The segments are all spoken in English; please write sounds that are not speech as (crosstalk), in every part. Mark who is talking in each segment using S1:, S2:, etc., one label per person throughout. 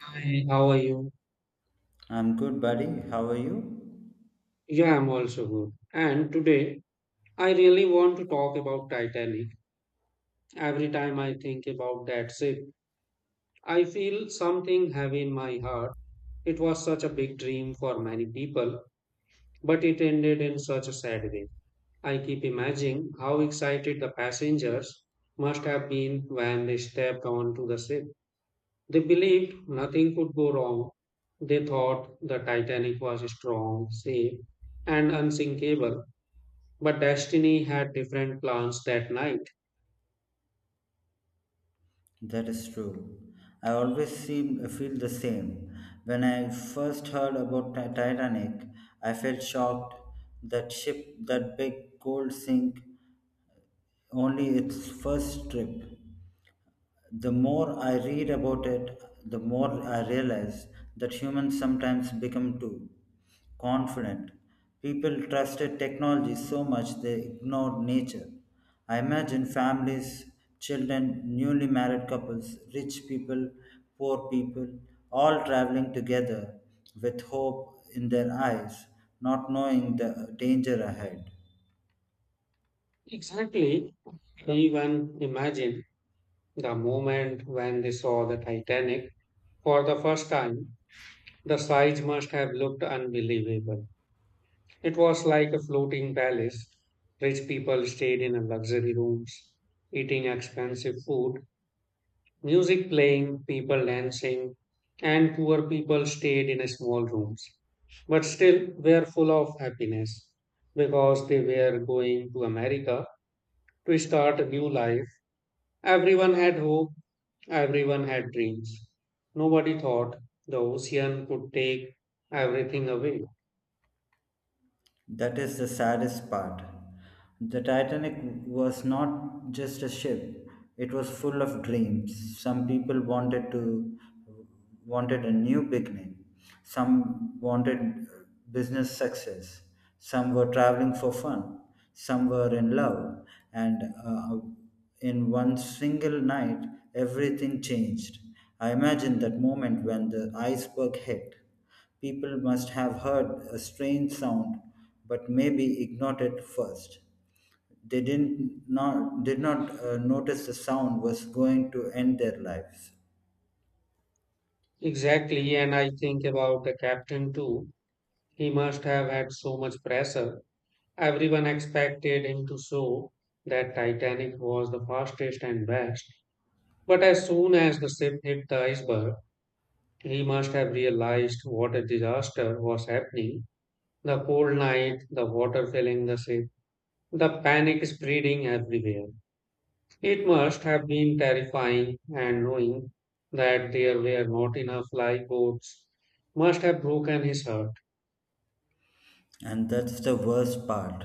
S1: Hi, how are you?
S2: I'm good, buddy. How are you?
S1: Yeah, I'm also good. And today, I really want to talk about Titanic. Every time I think about that ship, I feel something heavy in my heart. It was such a big dream for many people, but it ended in such a sad way. I keep imagining how excited the passengers must have been when they stepped onto the ship. They believed nothing could go wrong. They thought the Titanic was strong, safe, and unsinkable. But Destiny had different plans that night.
S2: That is true. I always seem feel the same. When I first heard about Titanic, I felt shocked. That ship, that big cold sink, only its first trip. The more I read about it, the more I realize that humans sometimes become too confident. People trusted technology so much they ignored nature. I imagine families, children, newly married couples, rich people, poor people, all traveling together with hope in their eyes, not knowing the danger ahead.
S1: Exactly. Even imagine the moment when they saw the Titanic for the first time. The size must have looked unbelievable. It was like a floating palace. Rich people stayed in luxury rooms, eating expensive food, music playing, people dancing, and poor people stayed in small rooms, but still were full of happiness because they were going to America to start a new life. Everyone had hope, everyone had dreams. Nobody thought the ocean could take everything away.
S2: That is the saddest part. The Titanic was not just a ship, it was full of dreams. Some people wanted a new beginning. Some wanted business success. Some were traveling for fun. Some were in love. And In one single night, everything changed. I imagine that moment when the iceberg hit. People must have heard a strange sound, but maybe ignored it first. They did not notice the sound was going to end their lives.
S1: Exactly, and I think about the captain too. He must have had so much pressure. Everyone expected him to show that Titanic was the fastest and best, but as soon as the ship hit the iceberg, he must have realized what a disaster was happening. The cold night, the water filling the ship, the panic spreading everywhere. It must have been terrifying, and knowing that there were not enough lifeboats must have broken his heart.
S2: And that's the worst part.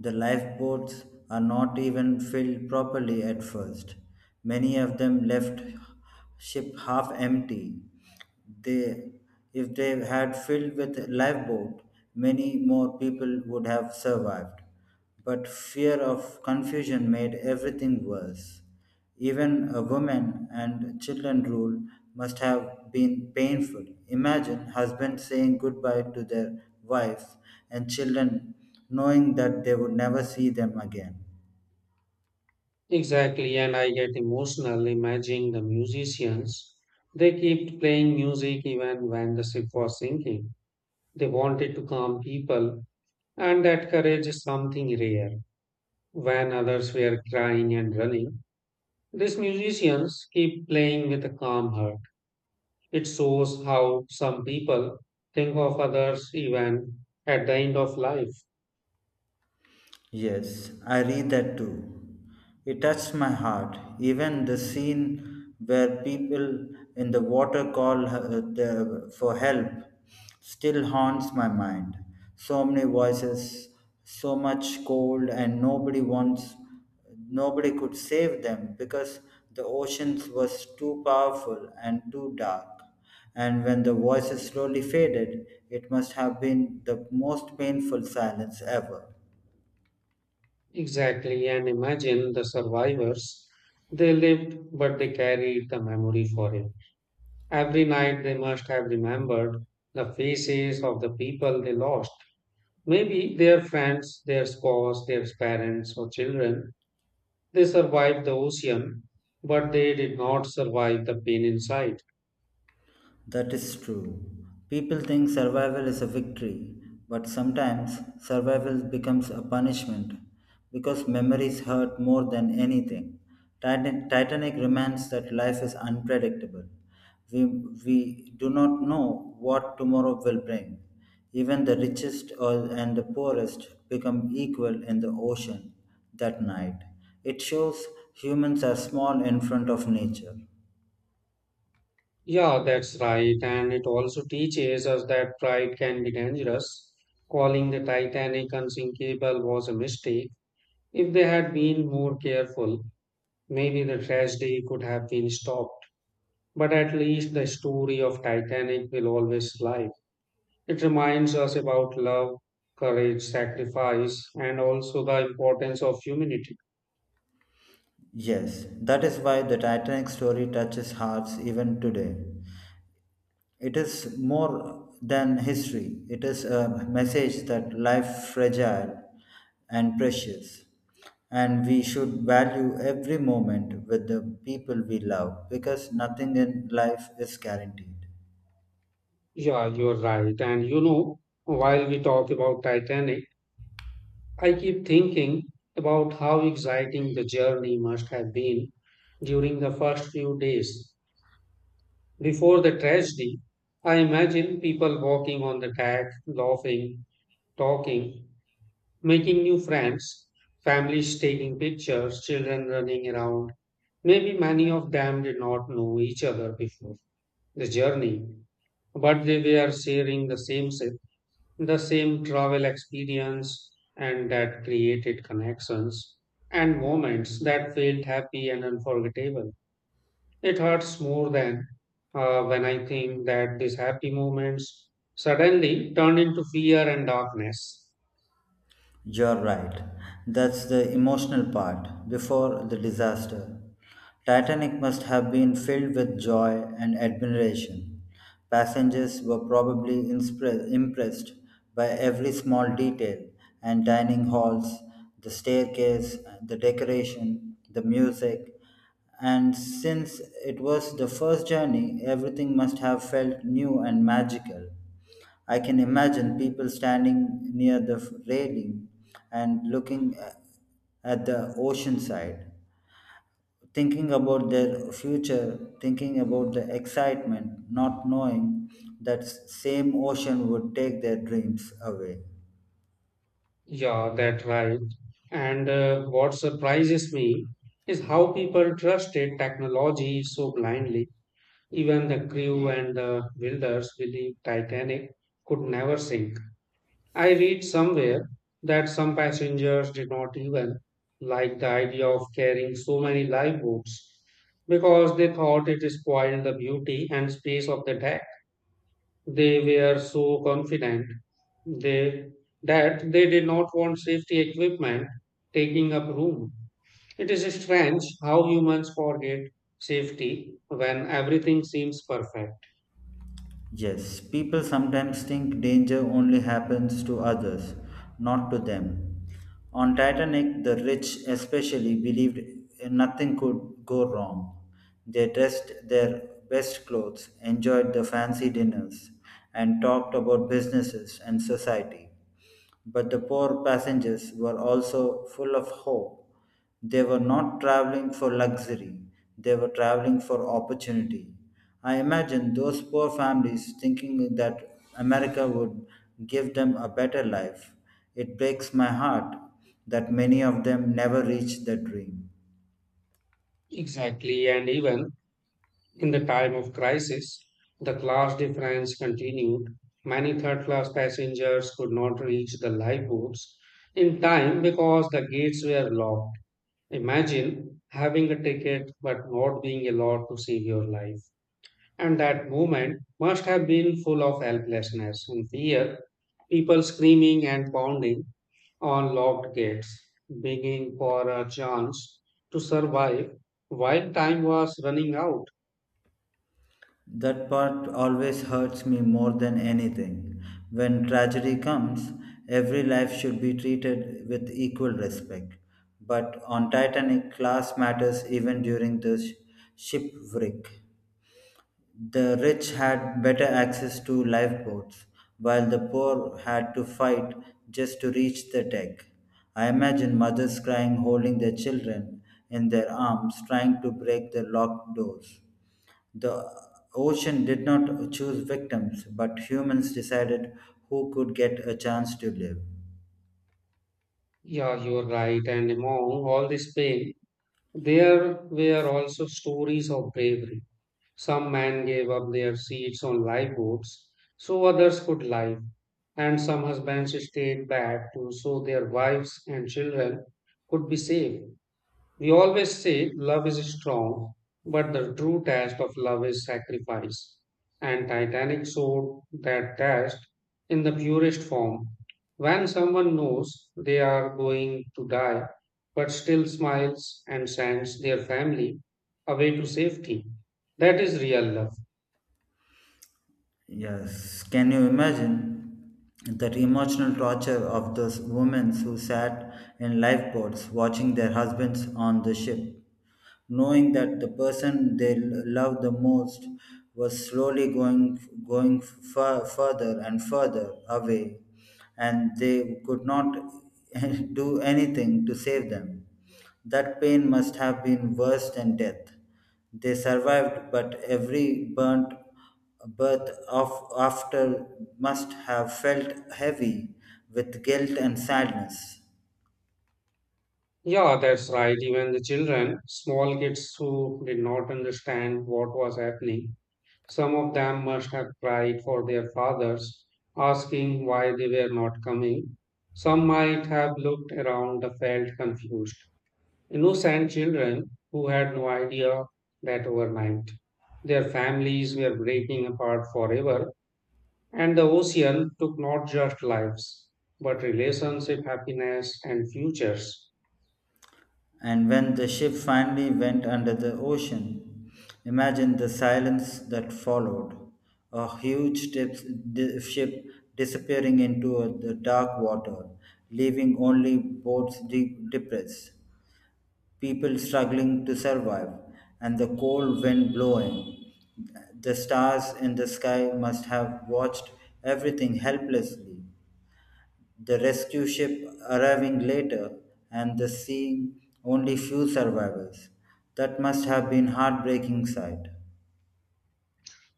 S2: The lifeboats are not even filled properly at first. Many of them left ship half empty. They, if they had filled with lifeboat, many more people would have survived. But fear of confusion made everything worse. Even a woman and children rule must have been painful. Imagine husbands saying goodbye to their wives and children knowing that they would never see them again.
S1: Exactly, and I get emotional imagining the musicians. They kept playing music even when the ship was sinking. They wanted to calm people, and that courage is something rare. When others were crying and running, these musicians keep playing with a calm heart. It shows how some people think of others even at the end of life.
S2: Yes, I read that too. It touched my heart. Even the scene where people in the water call for help still haunts my mind. So many voices, so much cold, and nobody could save them because the oceans was too powerful and too dark. And when the voices slowly faded, it must have been the most painful silence ever.
S1: Exactly, and imagine the survivors. They lived, but they carried the memory forever. Every night they must have remembered the faces of the people they lost. Maybe their friends, their spouse, their parents, or children. They survived the ocean, but they did not survive the pain inside.
S2: That is true. People think survival is a victory, but sometimes survival becomes a punishment because memories hurt more than anything. Titanic reminds that life is unpredictable. We, we do not know what tomorrow will bring. Even the and the poorest become equal in the ocean that night. It shows humans are small in front of nature.
S1: Yeah, that's right. And it also teaches us that pride can be dangerous. Calling the Titanic unsinkable was a mistake. If they had been more careful, maybe the tragedy could have been stopped. But at least the story of Titanic will always live. It reminds us about love, courage, sacrifice, and also the importance of humanity.
S2: Yes, that is why the Titanic story touches hearts even today. It is more than history, it is a message that life fragile and precious and we should value every moment with the people we love because nothing in life is guaranteed.
S1: Yeah, you're right. And you know, while we talk about Titanic, I keep thinking about how exciting the journey must have been during the first few days. Before the tragedy, I imagine people walking on the deck, laughing, talking, making new friends, families taking pictures, children running around. Maybe many of them did not know each other before the journey, but they were sharing the same travel experience and that created connections and moments that felt happy and unforgettable. It hurts more than when I think that these happy moments suddenly turned into fear and darkness.
S2: You're right. That's the emotional part before the disaster. Titanic must have been filled with joy and admiration. Passengers were probably impressed by every small detail and dining halls, the staircase, the decoration, the music. And since it was the first journey, everything must have felt new and magical. I can imagine people standing near the railing and at the ocean side, thinking about their future, thinking about the excitement, not knowing that same ocean would take their dreams away.
S1: Yeah, that right. And what surprises me is how people trusted technology so blindly. Even the crew and the builders believed Titanic could never sink. I read somewhere that some passengers did not even like the idea of carrying so many lifeboats because they thought it spoiled the beauty and space of the deck. They were so confident they, that they did not want safety equipment taking up room. It is strange how humans forget safety when everything seems perfect.
S2: Yes, people sometimes think danger only happens to others, not to them. On Titanic, the rich especially believed nothing could go wrong. They dressed their best clothes, enjoyed the fancy dinners, and talked about businesses and society. But the poor passengers were also full of hope. They were not traveling for luxury, they were traveling for opportunity. I imagine those poor families thinking that America would give them a better life. It breaks my heart that many of them never reach their dream.
S1: Exactly, and even in the time of crisis, the class difference continued. Many third class passengers could not reach the lifeboats in time because the gates were locked. Imagine having a ticket but not being allowed to save your life. And that moment must have been full of helplessness and fear, people screaming and pounding on locked gates, begging for a chance to survive while time was running out.
S2: That part always hurts me more than anything. When tragedy comes, every life should be treated with equal respect. But on Titanic, class matters even during the shipwreck. The rich had better access to lifeboats, while the poor had to fight just to reach the deck. I imagine mothers crying, holding their children in their arms, trying to break the locked doors. The ocean did not choose victims, but humans decided who could get a chance to live.
S1: Yeah, you're right. And among all this pain, there were also stories of bravery. Some men gave up their seats on lifeboats so others could live, and some husbands stayed back to so their wives and children could be safe. We always say love is strong, but the true test of love is sacrifice. And Titanic showed that test in the purest form. When someone knows they are going to die, but still smiles and sends their family away to safety, that is real love.
S2: Yes, can you imagine that emotional torture of those women who sat in lifeboats watching their husbands on the ship, knowing that the person they loved the most was slowly further and further away, and they could not (laughs) do anything to save them. That pain must have been worse than death. They survived, but every burnt birth of after must have felt heavy with guilt and sadness.
S1: Yeah, that's right. Even the children, small kids who did not understand what was happening, some of them must have cried for their fathers, asking why they were not coming. Some might have looked around and felt confused. Innocent children who had no idea that overnight their families were breaking apart forever, and the ocean took not just lives, but relationship, happiness, and futures.
S2: And when the ship finally went under the ocean, imagine the silence that followed. A huge ship disappearing into the dark water, leaving only boats deep depressed. People struggling to survive, and the cold wind blowing. The stars in the sky must have watched everything helplessly. The rescue ship arriving later, and the seeing only few survivors. That must have been heartbreaking sight.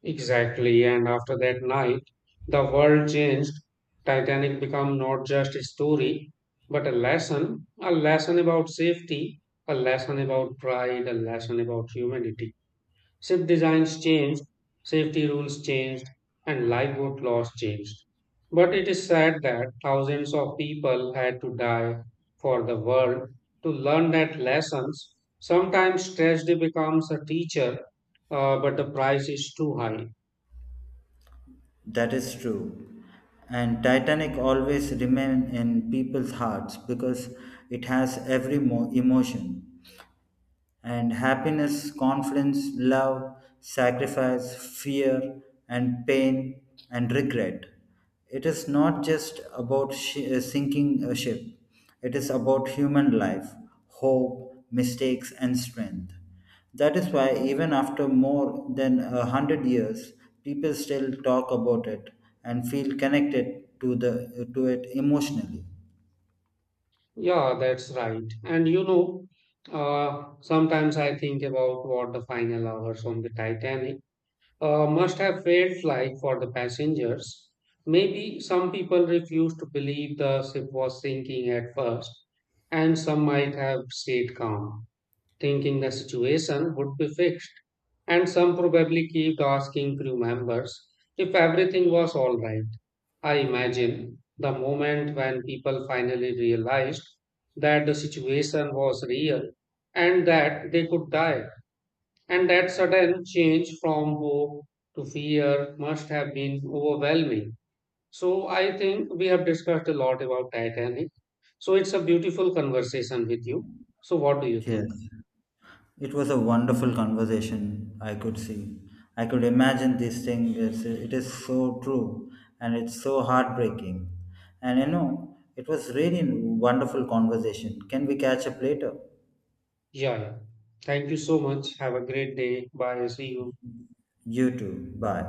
S1: Exactly, and after that night, the world changed. Titanic became not just a story, but a lesson about safety, a lesson about pride, a lesson about humanity. Ship designs changed, safety rules changed, and lifeboat laws changed. But it is sad that thousands of people had to die for the world to learn that lessons. Sometimes tragedy becomes a teacher, but the price is too high.
S2: That is true. And Titanic always remain in people's hearts because it has every emotion. And happiness, confidence, love, sacrifice, fear, and pain and regret. It is not just about shi sinking a ship, it is about human life, hope, mistakes, and strength. That is why, even after more than 100 years, people still talk about it and feel connected to it emotionally.
S1: Yeah, that's right. And you know, sometimes I think about what the final hours on the Titanic must have felt like for the passengers. Maybe some people refused to believe the ship was sinking at first, and some might have stayed calm, thinking the situation would be fixed. And some probably kept asking crew members if everything was all right. I imagine the moment when people finally realized that the situation was real and that they could die, and that sudden change from hope to fear must have been overwhelming. So, I think we have discussed a lot about Titanic. So, it's a beautiful conversation with you. So, what do you
S2: Yes.
S1: think?
S2: It was a wonderful conversation. I could see. I could imagine this thing. It is so true and it's so heartbreaking. And you know, it was really wonderful conversation. Can we catch up later?
S1: Yeah, yeah. Thank you so much. Have a great day. Bye. See you.
S2: You too. Bye.